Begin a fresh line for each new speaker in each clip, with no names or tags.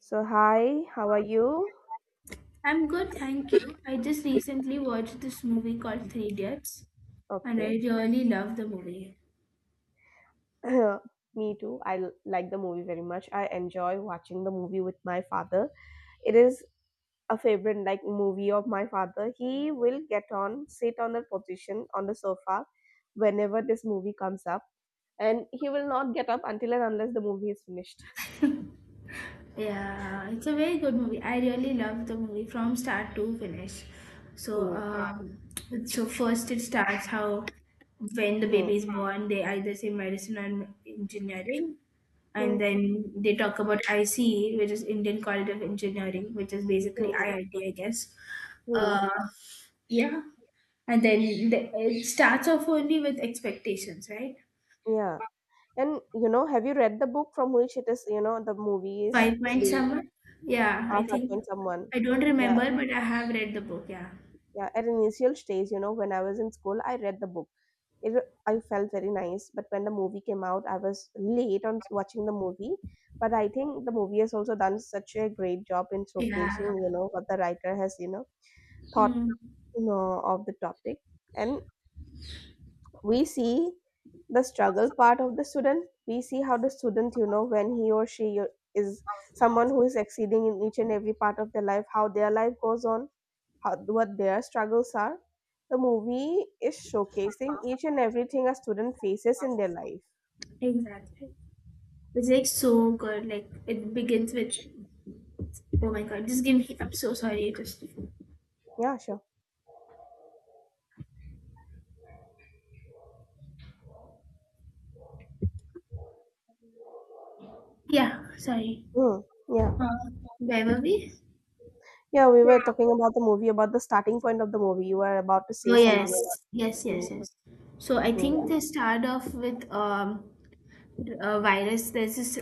So, hi, how are you?
I'm good, thank you. I just recently watched this movie called Three Idiots and I
Okay.
really love the movie.
Me too. I like the movie very much. I enjoy watching the movie with my father. It is a favorite like movie of my father. He will sit on the position on the sofa whenever this movie comes up, and he will not get up until and unless the movie is finished.
Yeah, it's a very good movie. I really love the movie from start to finish. So,
Hmm.
Yeah. So first it starts how when the
Hmm.
baby is born, they either say medicine or engineering, and
Hmm.
then they talk about ICE, which is Indian College of Engineering, which is basically I
Hmm.
I T, I guess.
Hmm. Hmm.
Uh, yeah, and then it starts off only with expectations, right?
Yeah. And have you read the book from which it is, you know, the movie is
Five Point
being
Summer? Yeah, I
set
think
on someone?
I don't
Yeah.
remember, but I have read the book. Yeah,
Yeah, at initial stage, when I was in school, I read the book. It, I felt very nice, but when the movie came out, I was late on watching the movie. But I think the movie has also done such a great job in
yeah,
showcasing what the writer has, you know, thought,
mm,
you know, of the topic. And we see the struggle part of the student. We see how the student, when he or she is someone who is exceeding in each and every part of their life, how their life goes on how, what their struggles are. The movie is showcasing each and everything a student faces in their life.
exactly. It's like so good. Like it begins with, oh my god, just give me. I'm so sorry. Just
Yeah, sure.
yeah, sorry.
Mm, yeah.
Uh, where were we?
Yeah, we were talking about the movie, about the starting point of the movie. You were about to say
Oh
something
yes,
about
yes,
mm,
yes, yes. So I
mm,
think they start off with a virus. There's this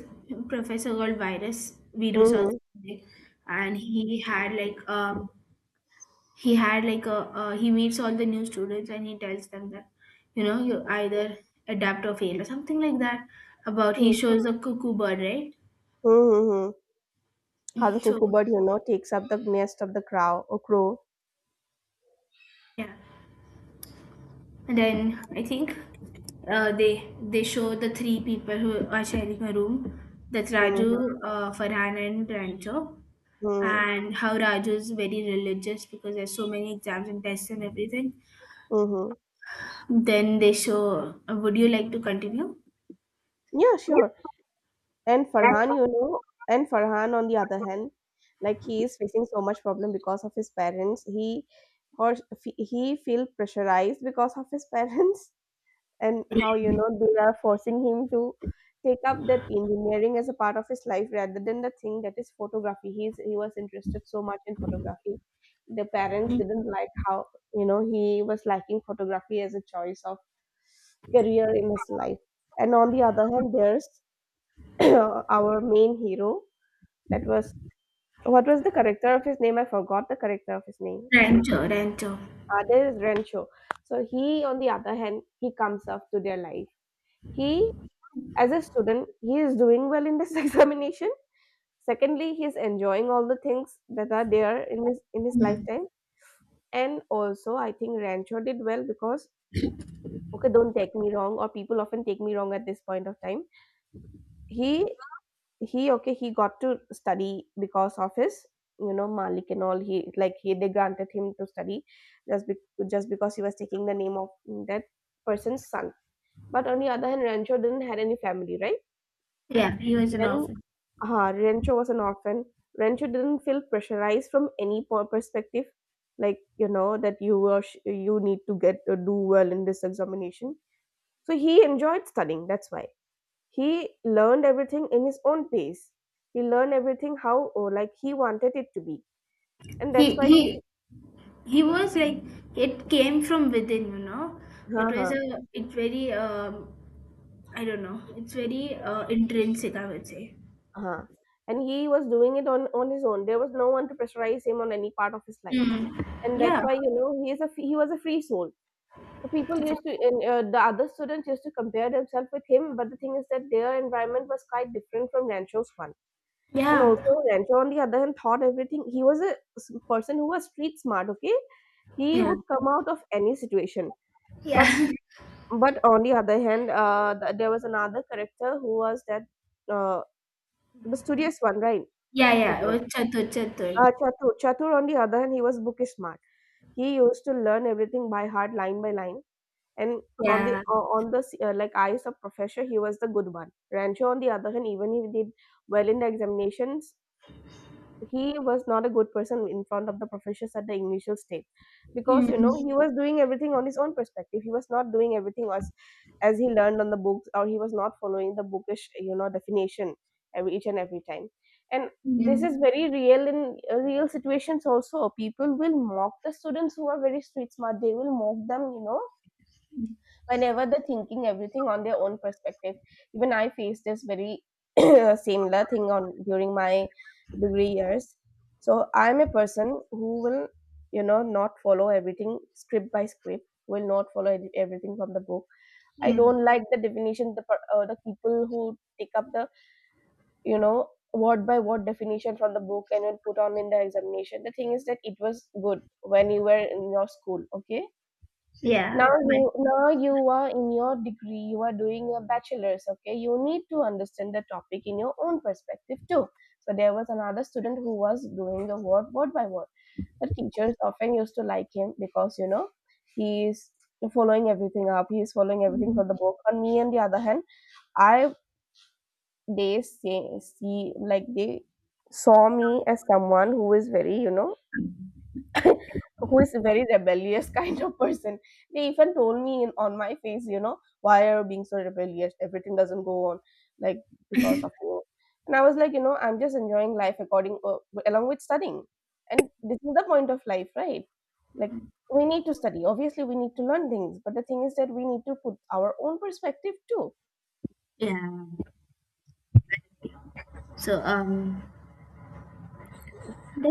professor called Virus, Virus or
mm,
something, and he had like a he meets all the new students and he tells them that you know you either adapt or fail or something like that about he
mm,
shows a cuckoo bird, right?
mm, mm. How the
So
cuckoo bird, takes up the nest of the crow or crow.
yeah, and then I think they show the three people who are sharing a room. That's Raju,
Mm-hmm.
Farhan and Rancho.
Hmm.
And how Raju is very religious because there's so many exams and tests and everything.
Mm-hmm.
Then they show, would you like to continue?
Yeah, sure. And Farhan, and Farhan on the other hand, like he is facing so much problem because of his parents. He feel pressurized because of his parents and how they are forcing him to take up that engineering as a part of his life rather than the thing that is photography. He was interested so much in photography. The parents
Yeah.
didn't like how he was liking photography as a choice of career in his life. And on the other hand, there's our main hero that was what was the character of his name? I forgot the character of his name.
Rancho, Rancho.
Father is Rencho. So he, on the other hand, he comes up to their life. He, as a student, he is doing well in this examination. Secondly, he is enjoying all the things that are there in his
Mhm.
lifetime. And also, I think Rancho did well because okay, don't take me wrong, or people often take me wrong at this point of time. He he Okay, he got to study because of his malik and all he like he they granted him to study just be, just because he was taking the name of that person's son. But on the other hand, rancho didn't had any family, right?
Yeah, he was an
And
orphan.
rancho was an orphan. Rancho didn't feel pressurized from any perspective, like that you need to get to do well in this examination. So he enjoyed studying, that's why he learned everything in his own pace. He learned everything like he wanted it to be, and
He
that's why he.
he he was like it came from within, you know. It
Huh.
was
Huh.
a it's very I don't know. It's very intrinsic, I would say.
Huh. And he was doing it on his own. There was no one to pressurize him on any part of his life,
Mm.
and that's
Yeah.
why he was a free soul. The other students used to compare themselves with him, but the thing is that their environment was quite different from Rancho's one. And
Yeah.
also, Rancho, on the other hand, thought everything. He was a person who was street smart. Okay, he
Yeah.
would come out of any situation. But
Yeah.
but on the other hand, there was another character who was that uh, the studious one, right?
Yeah,
That
yeah. It
one.
was Chatur.
Chatur. Chatur, on the other hand, he was bookish smart. He used to learn everything by heart, line by line, and
Yeah.
like eyes of professor, he was the good one. Rancho, on the other hand, even he did well in the examinations, he was not a good person in front of the professors at the initial stage because
Mm,
he was doing everything on his own perspective. He was not doing everything as he learned on the books, or he was not following the bookish definition every each and every time. And this
mm,
is very real in real situations also. People will mock the students who are very street smart. They will mock them, whenever they're thinking everything on their own perspective. Even I faced this very similar thing on during my degree years. So I'm a person who will, not follow everything script by script. Will not follow everything from the book. I
mm,
don't like the definition, the people who take up the word by word definition from the book and will put on in the examination. The thing is that it was good when you were in your school, okay?
yeah.
Now
But
you, are in your degree, you are doing your bachelor's. Okay, you need to understand the topic in your own perspective too. So there was another student who was doing the word by word. The teachers often used to like him because, he is following everything up, he is following everything for
mm,
the book. On me, on the other hand, I they say see like they saw me as someone who is very, who is a very rebellious kind of person. They even told me on my face, why are you being so rebellious? Everything doesn't go on like because of you. And I was like, I'm just enjoying life according along with studying, and this is the point of life, right? Like, we need to study. Obviously, we need to learn things, but the thing is that we need to put our own perspective too.
yeah. So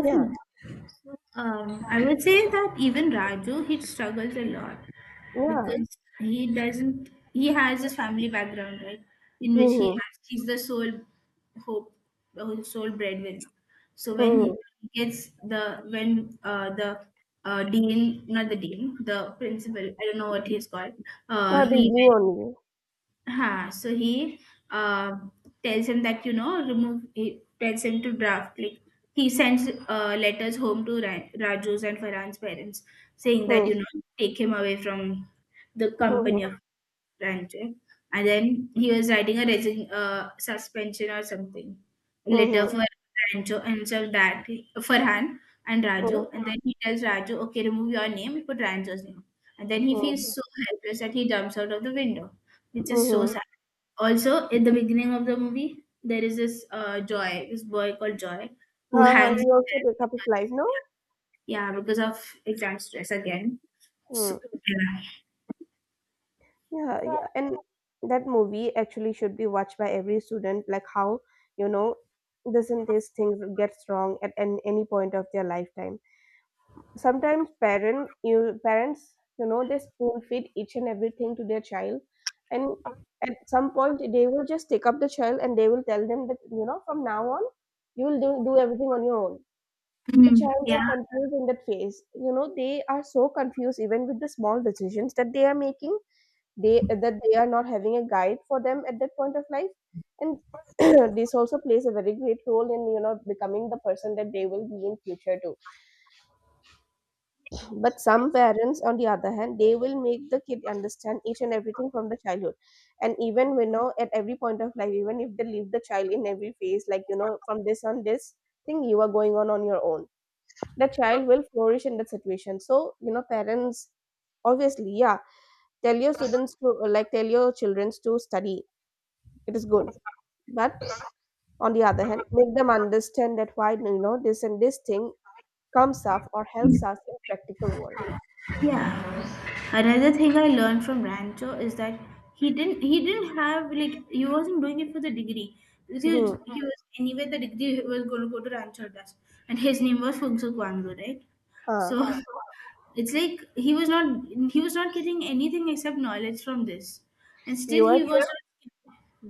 Yeah,
I would say that even Raju, he struggles a lot
yeah.
because he doesn't, he has his family background, right? In which
Mm-hmm.
he's the sole hope, the whole sole breadwinner. So when
Mm-hmm.
he when the dean, not the dean, the principal, I don't know what he's called, uh,
Now they
he
do on you.
So he uh, tells him that you know remove. He tells him to draft. Like he sends letters home to Raju's and Farhan's parents, saying that
Mm-hmm.
you know take him away from the
Mm-hmm.
company of time. And then he was writing a suspension or something letter for Rancho, and so that Farhan and
Mm-hmm.
Raju. And then he tells Raju, okay, remove your name, put Rancho's name. And then he feels so helpless that he jumps out of the window, which is so
Mm-hmm.
sad. Also, at the beginning of the movie, there is this Joy, this boy called Joy, who
Huh, huh,
hangs,
he also took up his life, no?
yeah, because of exam stress again. So,
Hmm.
yeah.
Yeah, yeah. And that movie actually should be watched by every student, like how, you know, doesn't this thing gets wrong any point of their lifetime. Sometimes parents, they spoon feed each and everything to their child, and at some point they will just take up the child and they will tell them that, from now on you will do everything on your own. The
Hmm.
child are
Yeah.
confused in that phase. They are so confused even with the small decisions that they are making. They are not having a guide for them at that point of life, and this also plays a very great role in becoming the person that they will be in future too. But some parents, on the other hand, they will make the kid understand each and everything from the childhood, and even at every point of life, even if they leave the child in every phase, like from this on this thing you are going on your own. The child will flourish in that situation. So parents, obviously, yeah, tell your children to study. It is good, but on the other hand, make them understand that why this and this thing comes up or helps us in practical world.
Yeah. Another thing I learned from Rancho is that he didn't have, like he wasn't doing it for the degree because
Hmm.
he was anyway the degree was going to go to Rancho Dust, and his name was Fungsuk Wangdu, right?
Huh.
So hmm, it's like he was not getting anything except knowledge from this, and still
you were
he, yeah, was
just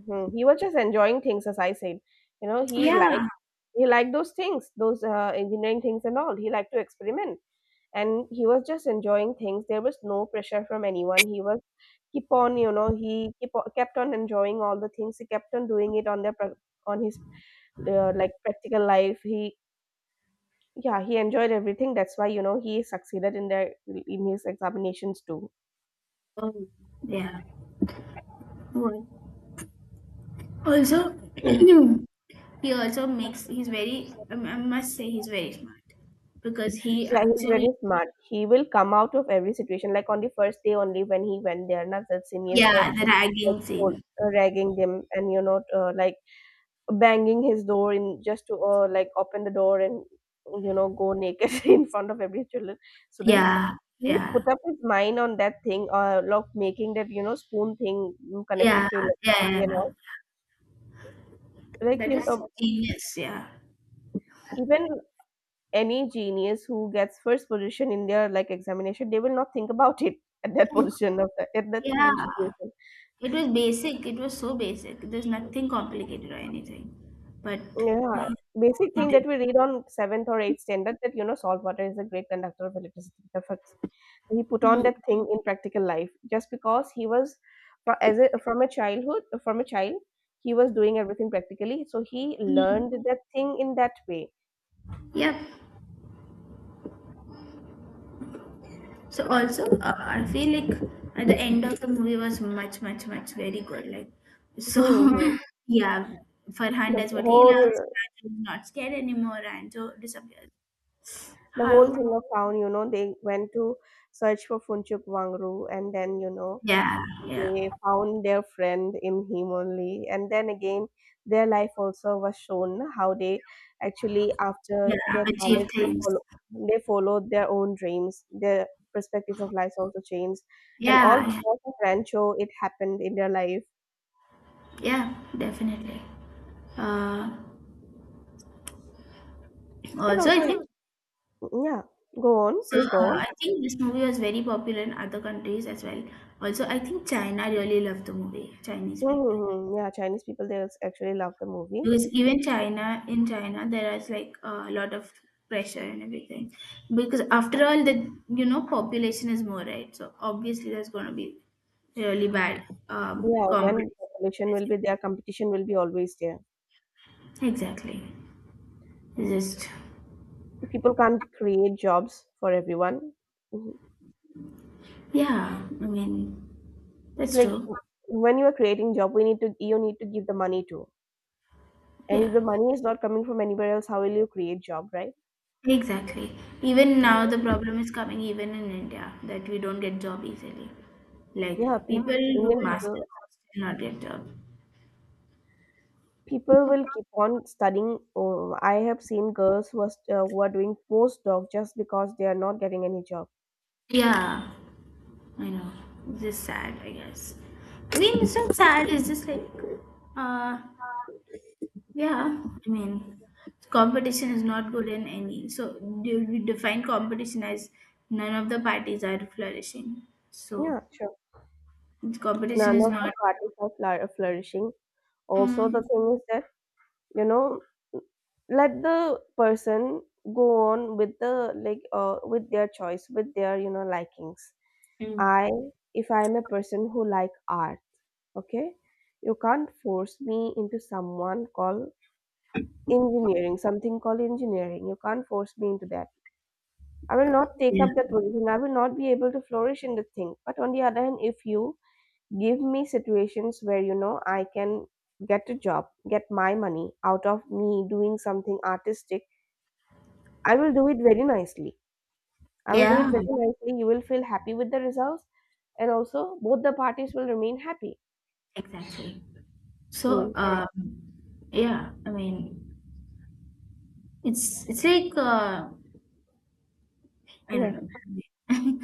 mhm, He was just enjoying things, as I said. He liked,
yeah,
he liked those things, those engineering things and all. He liked to experiment, and he was just enjoying things. There was no pressure from anyone. He kept on enjoying all the things. He kept on doing it on his like practical life. He enjoyed everything, that's why he succeeded in their in his examinations too.
yeah. Also, he also
Mm.
makes, he's very, I must say he's very smart because he
Yeah, he's
actually,
very smart. He will come out of every situation. Like, on the first day only when he went there, Nazar seniors were
yeah, the
like
ragging scene.
told- ragging him, and banging his door in just to like open the door and you know go naked in front of every children student.
Yeah,
He put
yeah,
up his mind on that thing, uh, like making that you know spoon thing, connected
yeah,
to
yeah,
electricity
yeah,
and
yeah.
all. like
That
you
is
know
genius, yeah.
even any genius who gets first position in their like examination, they will not think about it at that position of the, at that mm,
Yeah,
situation.
it was basic. It was so basic. There's nothing complicated or anything. But
Yeah,
uh,
basic
it
thing
did.
that we read on seventh or eighth standard, that you know salt water is a great conductor of electricity. He put on that thing in practical life just because he was from a childhood from a child. He was doing everything practically, so he
Mm.
learned that thing in that way.
Yeah. So also, I feel like at the end of the movie was much, much, much very good. Like, so
Mm-hmm.
yeah, Farhan
The
does what he
whole
loves. Ranju not scared anymore. And Ranju disappears.
the whole
How?
thing of town, you know, they went to search for Funchuk Wangru, and then you know
Yeah,
they
yeah,
found their friend in him only, and then again their life also was shown how they actually after
yeah.
their
Achieve
college they
things.
follow they followed their own dreams. Their perspective of life also changed, and all
Yeah, yeah.
because of Rancho it happened in their life.
Yeah, definitely. Uh,
And
also, I
also,
think
yeah, go on,
so.
please go on.
I think this movie was very popular in other countries as well. Also, I think China really loved the movie. Chinese people,
Hmm, yeah, Chinese people they actually love the movie.
because even China, in China there is like a lot of pressure and everything. Because after all, the you know population is more, right? So obviously there's gonna be really bad
Yeah, when
competition.
population will be there, competition will be always there.
Exactly. It's just
People can't create jobs for everyone. Mm-hmm.
yeah. I mean, that's
Like,
true.
when you are creating job, we need to you need to give the money to, and if
Yeah.
the money is not coming from anywhere else, how will you create job, right?
Exactly. Even
Mm.
now, the problem is coming even in India that we don't get job easily.
Yeah,
Like people do
Indian
masters
people,
but still not get job.
people will keep on studying. Oh, I have seen girls who are, who are doing postdoc just because they are not getting any job.
Yeah, I know. It's just sad, I guess. I mean, it's not sad. It's just like, uh, yeah. I mean, competition is not good in any. So do we define competition as none of the parties are flourishing. So
Yeah, sure.
competition
None
is
of the
not.
parties are flourishing. Also, the
Mm,
thing is that you know let the person go on with the like, with their choice, with their you know likings.
mm,
I, if I am a person who like art, okay, you can't force me into someone called engineering, something called engineering. You can't force me into that. I will not take
yeah.
up that position. I will not be able to flourish in the thing. But on the other hand, if you give me situations where you know I can get a job, get my money out of me doing something artistic, I will do it very nicely. I will do it
Yeah.
very nicely. You will feel happy with the results, and also both the parties will remain happy.
Exactly. So,
Mm.
Yeah. um, yeah, I mean, it's like I
Yeah.
don't know.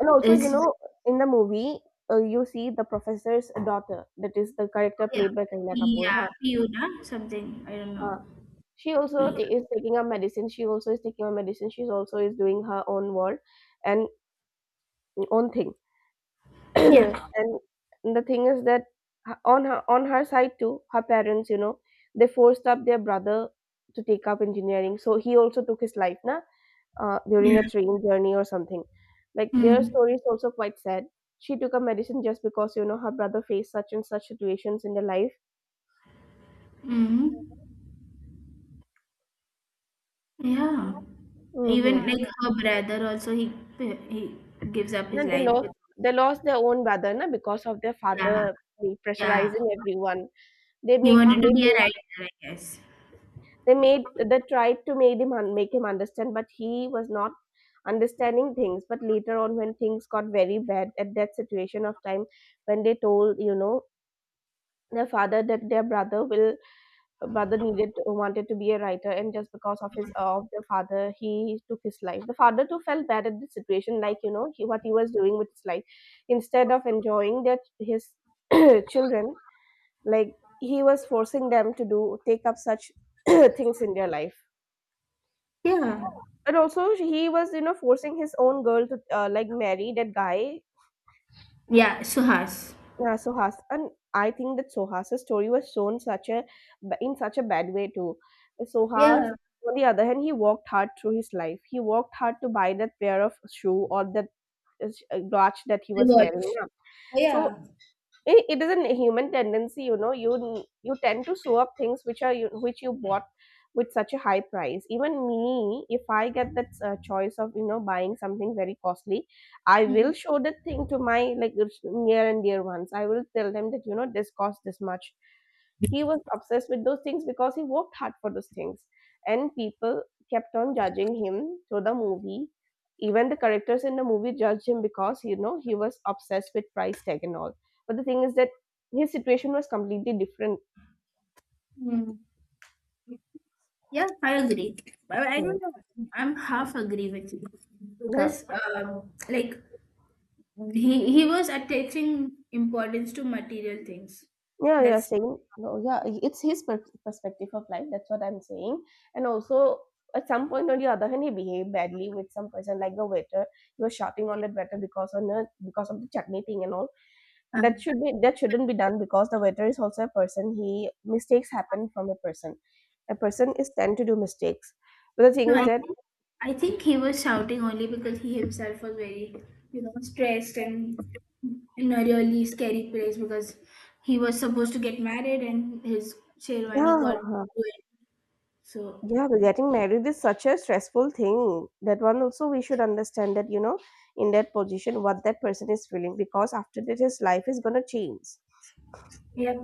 And also, you
It's
know, in the movie, you see the professor's daughter, that is the character
yeah,
played by Kareena Kapoor.
yeah,
Huh?
Fiona, something. I don't know.
Uh, she also
Yeah,
is taking a medicine. She also is taking a medicine. She also is doing her own work and own thing.
yeah,
And the thing is that, on her, on her side too, her parents, you know, they forced up their brother to take up engineering. So he also took his life, na, during
yeah.
a train journey or something. Like, their
Mm,
story is also quite sad. She took a medicine just because you know her brother faced such and such situations in their life.
mm, yeah.
Mm-hmm.
Even like her brother also, he gives up his
Then they
life.
lost
But
They lost their own brother, na, because of their
yeah,
father
yeah.
pressurizing everyone. They
He
make
wanted
they
to be a
made
writer, I guess.
they made they tried to make him make him understand, but he was not understanding things. But later on, when things got very bad at that situation of time, when they told you know their father that their brother needed wanted to be a writer, and just because of his of the father, he took his life. The father too felt bad at the situation, like, you know, what he was doing with his life instead of enjoying that his children, like, he was forcing them to do take up such things in their life.
Yeah.
And also he was you know forcing his own girl to like marry that guy.
Yeah, Suhas.
Yeah, Suhas, and I think that Sohas's story was shown such a, in such a bad way too. Sohas,
Yeah.
on the other hand, he worked hard through his life. He worked hard to buy that pair of shoe or that watch that he was wearing. Yeah. So it is a human tendency, you know, you tend to sew up things which are which you bought with such a high price. Even me, if I get that choice of you know buying something very costly, I will show that thing to my like near and dear ones. I will tell them that you know this cost this much. He was obsessed with those things because he worked hard for those things, and people kept on judging him through the movie. Even the characters in the movie judged him because you know he was obsessed with price tag and all. But the thing is that his situation was completely different.
Mm. Yeah, I agree. But I
Hmm.
don't know. I'm half agree with you
Yeah.
because, like he was attaching importance to material things.
Yeah, yeah,
That's
saying no, yeah, it's his perspective of life. That's what I'm saying. And also, at some point, on the other hand, he behaved badly with some person like the waiter. He was shouting on that waiter because because of the chutney thing and all.
but
That shouldn't be done because the waiter is also a person. He Mistakes happen from a person. A person is tend to do mistakes. But the thing
No.
is that,
I think he was shouting only because he himself was very, you know, stressed and in a really scary place because he was supposed to get married and his Sherwani got
yeah.
ruined. So
Yeah, but getting married is such a stressful thing. That one also we should understand that, you know, in that position, what that person is feeling, because after that his life is gonna change.
yeah.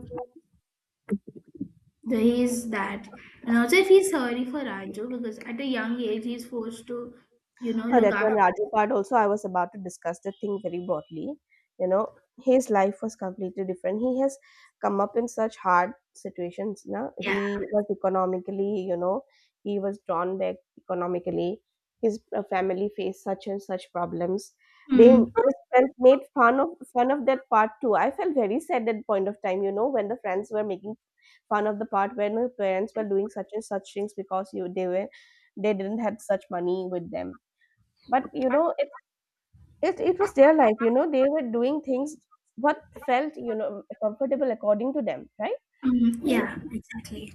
He's that, and also I feel sorry for Raju because at a young age he's forced to, you know, look
That one
after.
Raju part also I was about to discuss the thing very broadly. You know, his life was completely different. He has come up in such hard situations. Na?
Yeah.
He was economically, you know, he was drawn back economically. His family faced such and such problems. They
Mm.
His friends made fun of that part too. I felt very sad at point of time, you know, when the friends were making fun of the part when the parents were doing such and such things, because you they were, they didn't have such money with them. But you know it it was their life, you know, they were doing things what felt you know comfortable according to them, right?
Mm.
And
Yeah. Exactly.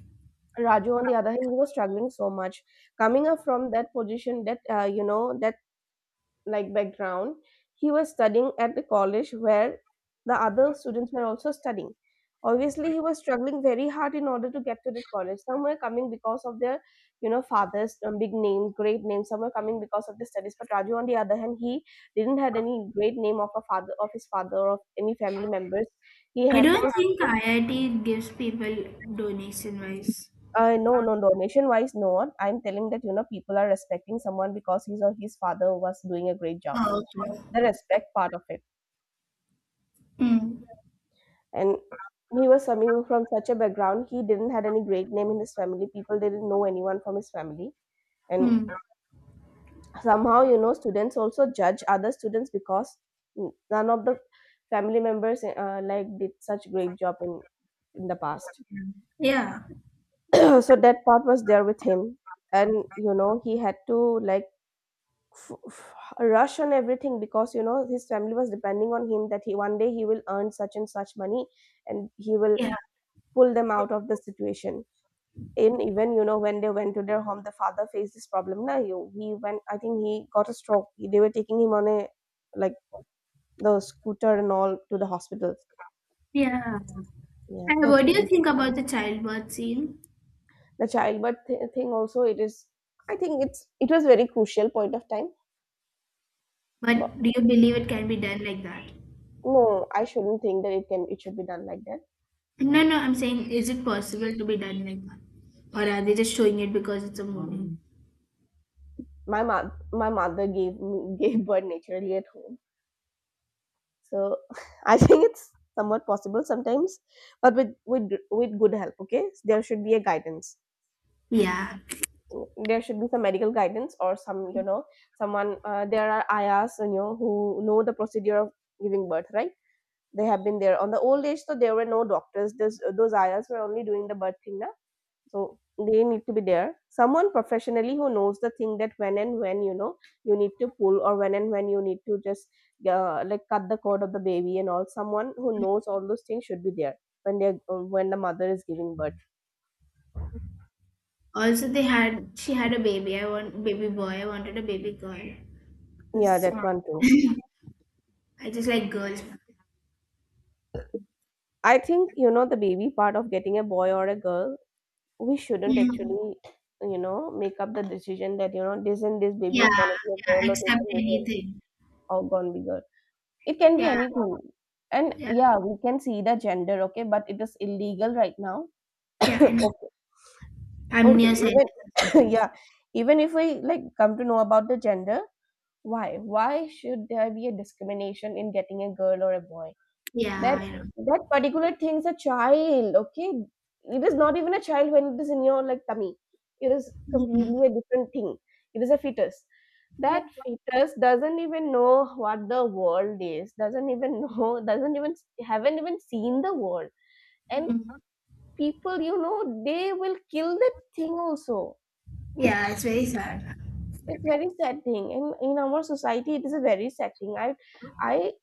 Raju, on the other hand, he was struggling so much coming up from that position, that, you know, that like background. He was studying at the college where the other students were also studying. Obviously he was struggling very hard in order to get to the college. Some were coming because of their you know fathers, big names, great names. Some were coming because of the studies, but Raju on the other hand, he didn't had any great name of a father, or of any family members. He
I
had
don't
to,
think IIT gives people donation wise.
no, no, donation wise not, I'm telling that you know people are respecting someone because his or his father was doing a great job.
Oh, okay.
The respect part of it.
Mm.
And he was coming from such a background. He didn't had any great name in his family. People didn't know anyone from his family. And
Mm.
somehow you know students also judge other students because none of the family members like did such great job in the past.
Yeah.
So that part was there with him. And you know he had to, like, rush on everything because you know his family was depending on him that he one day he will earn such and such money, and he will
Yeah.
pull them out of the situation. In, even you know when they went to their home, the father faced this problem. Now, you he went, I think he got a stroke. They were taking him on a, like, the scooter and all to the hospital.
Yeah.
Yeah,
And
that's
what do you
it.
think about the childbirth scene?
The childbirth thing also, it is, I think it's, it was very crucial point of time. But
But do you believe it can be done like that?
no, I shouldn't think that it should be done like that.
No, no, I'm saying is it possible to be done like that? Or are they just showing it because it's a movie?
my mother my mother gave birth naturally at home, so I think it's somewhat possible sometimes, but with good help, okay? There should be a guidance.
Yeah.
There should be some medical guidance or some you know someone. Uh, there are ayas, you know, who know the procedure of giving birth, right? They have been there on the old age, so there were no doctors. Those ayas were only doing the birth thing now. So they need to be there someone professionally who knows the thing, that when and when you know you need to pull, or when and when you need to just, like cut the cord of the baby and all. Someone who knows all those things should be there when they, when the mother is giving birth.
Also, they had she had a baby. I want baby boy. I wanted a baby girl.
Yeah,
'Cause
that one too.
I just like girls.
I think, you know, the baby part of getting a boy or a girl, we shouldn't
Mm.
actually, you know, make up the decision that, you know, this and this baby
Yeah,
is gonna be a
yeah.
girl, or this
Accept
and this is
anything.
all gonna be girl. It can be
Yeah,
anything. And
yeah,
yeah, we can see the gender, okay, but it is illegal right now.
yeah. And
Okay.
I'm
Okay.
nearsighted.
Even yeah. Even if we like come to know about the gender, why? Why should there be a discrimination in getting a girl or a boy?
Yeah,
That
I know.
that particular thing is a child, okay? It is not even a child when it is in your like tummy. It is
Mm.
completely a different thing. It is a fetus.
Yeah.
That fetus doesn't even know what the world is, doesn't even know, doesn't even haven't even seen the world. And
Mm.
people, they will kill that thing also.
Yeah, it's very sad.
It's very sad thing. And in our society it is a very sad thing. I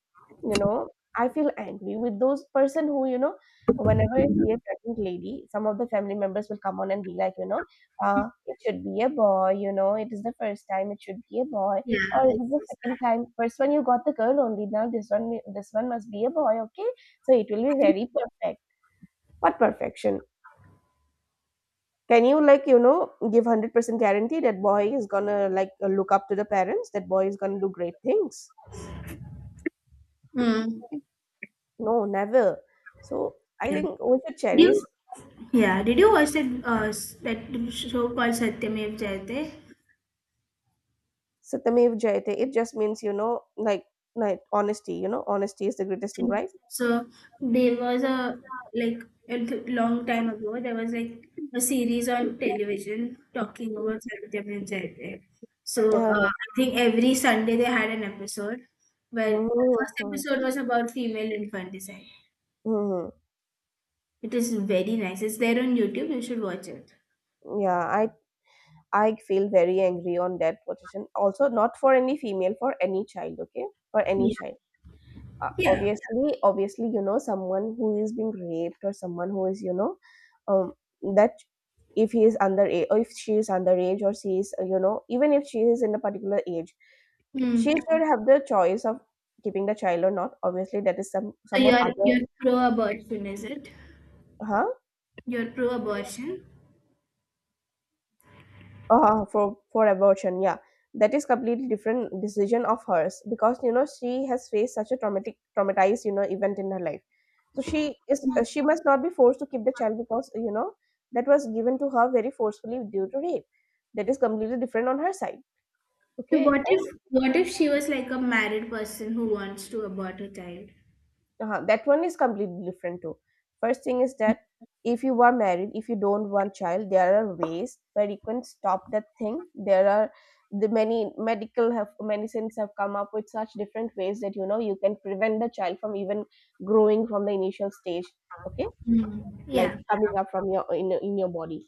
You know, I feel angry with those person who, whenever I see a pregnant lady, some of the family members will come on and be like, it should be a boy, it is the first time, it should be a boy,
Yeah,
or it is
it's
the
so
second
sad.
time, first one you got the girl only, now this one must be a boy, okay? So it will be very perfect. What perfection? Can you like, give 100% guarantee that boy is gonna like look up to the parents, that boy is gonna do great things?
Mm.
No, never. So I think we should
Did
cherish
you? Yeah. Did you watch that that show called Satyamev Jayate?
Satyamev Jayate. It just means, you know, like honesty, you know, honesty is the greatest thing,
And
right?
so there was a like a long time ago, there was like a series on television talking about Satyam and Jaydev. So
Yeah.
I think every Sunday they had an episode where the first
Mhm.
episode was about female infanticide.
Mhm.
It is very nice. It's there on YouTube. You should watch it.
Yeah, I feel very angry on that position. Also, not for any female, for any child, okay? For any
Yeah.
child.
Yeah.
Obviously you know someone who is being raped or someone who is you know um, that if he is underage or if she is underage or she is you know even if she is in a particular age she
Mm.
should have the choice of keeping the child or not. Obviously that is
So
someone other.
you're pro-abortion, is it?
Huh.
You're pro-abortion.
For abortion, yeah, that is completely different decision of hers because you know she has faced such a traumatic traumatized you know event in her life, so she is she must not be forced to keep the child because you know that was given to her very forcefully due to rape. That is completely different on her side,
So
okay.
what if she was like a married person who wants to abort a child?
That one is completely different too. First thing is that if you are married, if you don't want child, there are ways where you can stop that thing. There are the many medical have medicines have come up with such different ways that you know you can prevent the child from even growing from the initial stage. Okay,
Mm.
like
Yeah.
coming up from your in your body,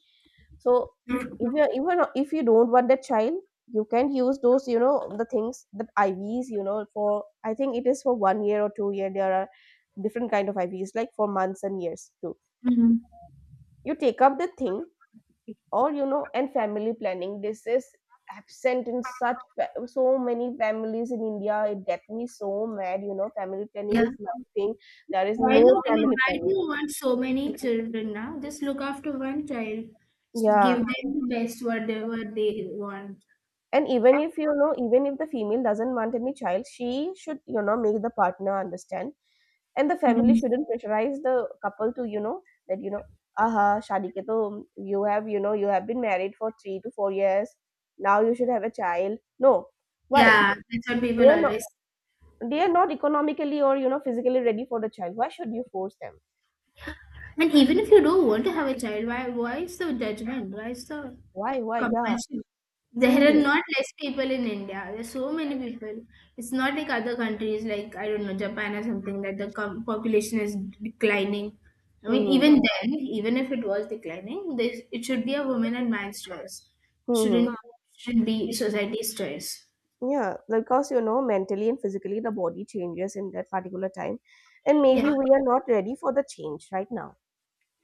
so if you even if you don't want that child, you can use those you know the things that IVs, you know, for I think it is for 1 year or 2 year. There are different kind of IVs like for months and years too.
Mm.
You take up the thing, or you know, and family planning, this is absent in such so many families in India. It get me so mad, you know, family planning
Yeah.
is nothing, there is
Why
no
not? I mean,
family
why do
planning.
you want so many children now? Just look after one child. Give
Yeah.
them the best whatever they want.
And even if you know, even if the female doesn't want any child, she should you know make the partner understand, and the family
Mm.
shouldn't pressurize the couple to you know that you know, aha, shadi ke to you have you know you have been married for 3 to 4 years, now you should have a child. No, why?
Yeah, that's what
They
people
are
always.
not they are not economically or you know physically ready for the child. Why should you force them?
And even if you don't want to have a child, why is the judgment? Why is the
Why? Why? Yeah,
compulsion? There
same
are
thing.
not less people in India. There's so many people. It's not like other countries, like I don't know, Japan or something, that the population is declining. I mean,
Mm-hmm.
even then, even if it was declining, this it should be a woman and man's choice.
Mm-hmm.
Shouldn't should be society's choice.
Yeah, because you know, mentally and physically, the body changes in that particular time, and maybe
Yeah.
we are not ready for the change right now.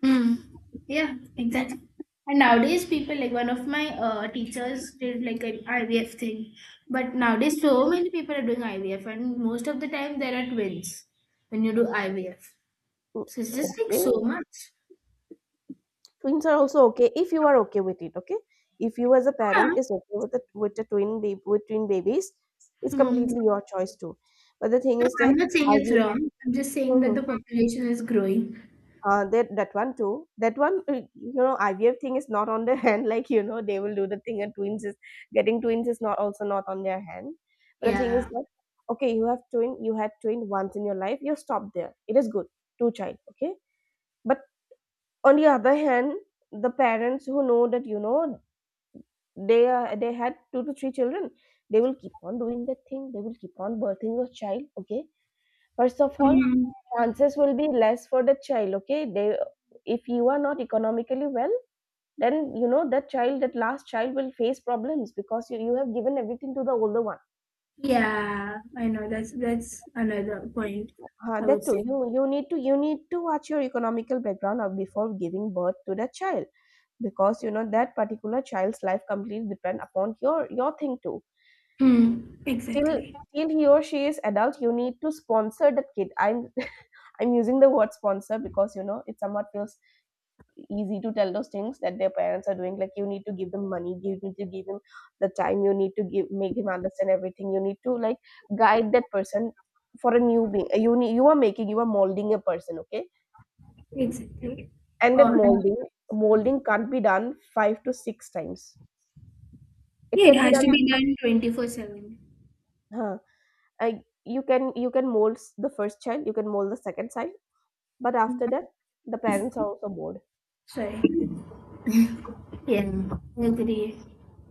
Mm. Yeah, exactly. And nowadays, people like one of my teachers did like an IVF thing, but nowadays so many people are doing IVF, and most of the time there are twins when you do IVF.
Mm.
So it's just like
Okay,
so much.
twins are also okay if you are okay with it. Okay, if you as a parent
Yeah.
is okay with the twin baby with twin babies, it's
Hmm.
completely your choice too. But the thing
No,
is
I'm
that
not saying
are
it's
you?
wrong. I'm just saying that
Mhm.
the population is growing.
That one too. That one, you know, IVF thing is not on their hand. Like you know, they will do the thing, and twins is getting twins is not on their hand. But the thing is
Yeah.
that okay, you have twin, you had twin once in your life, you stop there. It is good, two child, okay. But on the other hand, the parents who know that you know they had two to three children, they will keep on doing that thing. They will keep on birthing your child, okay. First of all,
Mm.
chances will be less for the child, okay? They if you are not economically well, then you know that child, that last child will face problems because you have given everything to the older one.
Yeah, I know. That's another point, I
That
would
too,
say.
you need to watch your economical background of before giving birth to that child because you know that particular child's life completely depend upon your thing too.
Hmm.
Till
Exactly.
till he or she is adult, you need to sponsor that kid. I'm I'm using the word sponsor because you know it somewhat feels easy to tell those things that their parents are doing, like you need to give them money, you need to give him the time, you need to give make him understand everything, you need to like guide that person. For a new being you need, you are molding a person, okay,
Exactly.
and that
Or
molding molding can't be done five to six times. It
yeah, it
can be
has to
done,
be done 24/7.
huh, you can mold the first child, you can mold the second child, but after that the parents are also bored.
Sorry. Yeah, I agree.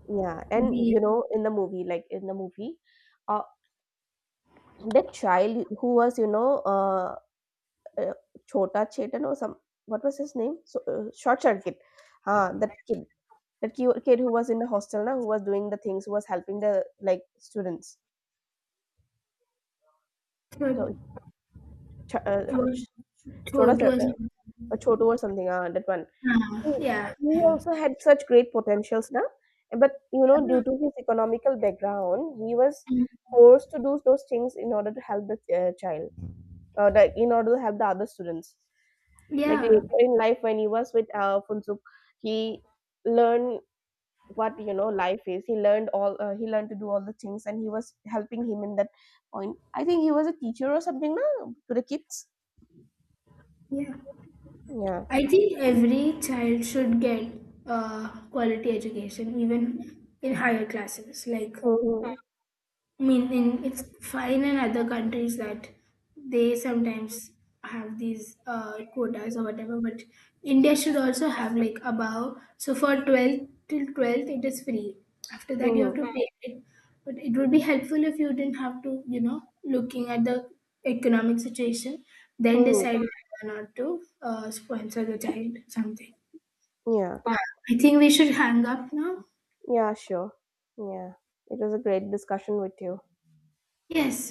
Yeah, and you
The
know in the movie, uh, the child who was you know uh, chota chetan or some, what was his name, so, short circuit, that kid, kid who was in the hostel now, who was doing the things, who was helping the like students.
third,
So, ch- uh,
third,
ch- chota
third was,
Or chotu or something, ah, that one,
uh,
he,
yeah.
he
And
also had such great potentials now, but you know due to his economical background he was forced to do those things in order to help the child, in order to help the other students. Like
yeah,
later in life, when he was with Funsuk, he learned what you know life is. He learned all. He learned to do all the things, and he was helping him in that point. I think he was a teacher or something, no, to the kids.
yeah.
Yeah.
I think every child should get quality education, even in higher classes, like
Mm-hmm.
I mean, in, it's fine in other countries that they
Mm-hmm.
sometimes have these quotas or whatever, but India should also have like above. So for 12th till 12th, it is free. After that, you have to hmm, pay it. But it would be helpful if you didn't have to, you know, looking at the economic situation, then
Mm-hmm.
decide, hmm, whether or not to sponsor the child or something.
Yeah.
Hmm. I think we should hang up now.
Yeah. Sure. Yeah. It was a great discussion with you.
Yes.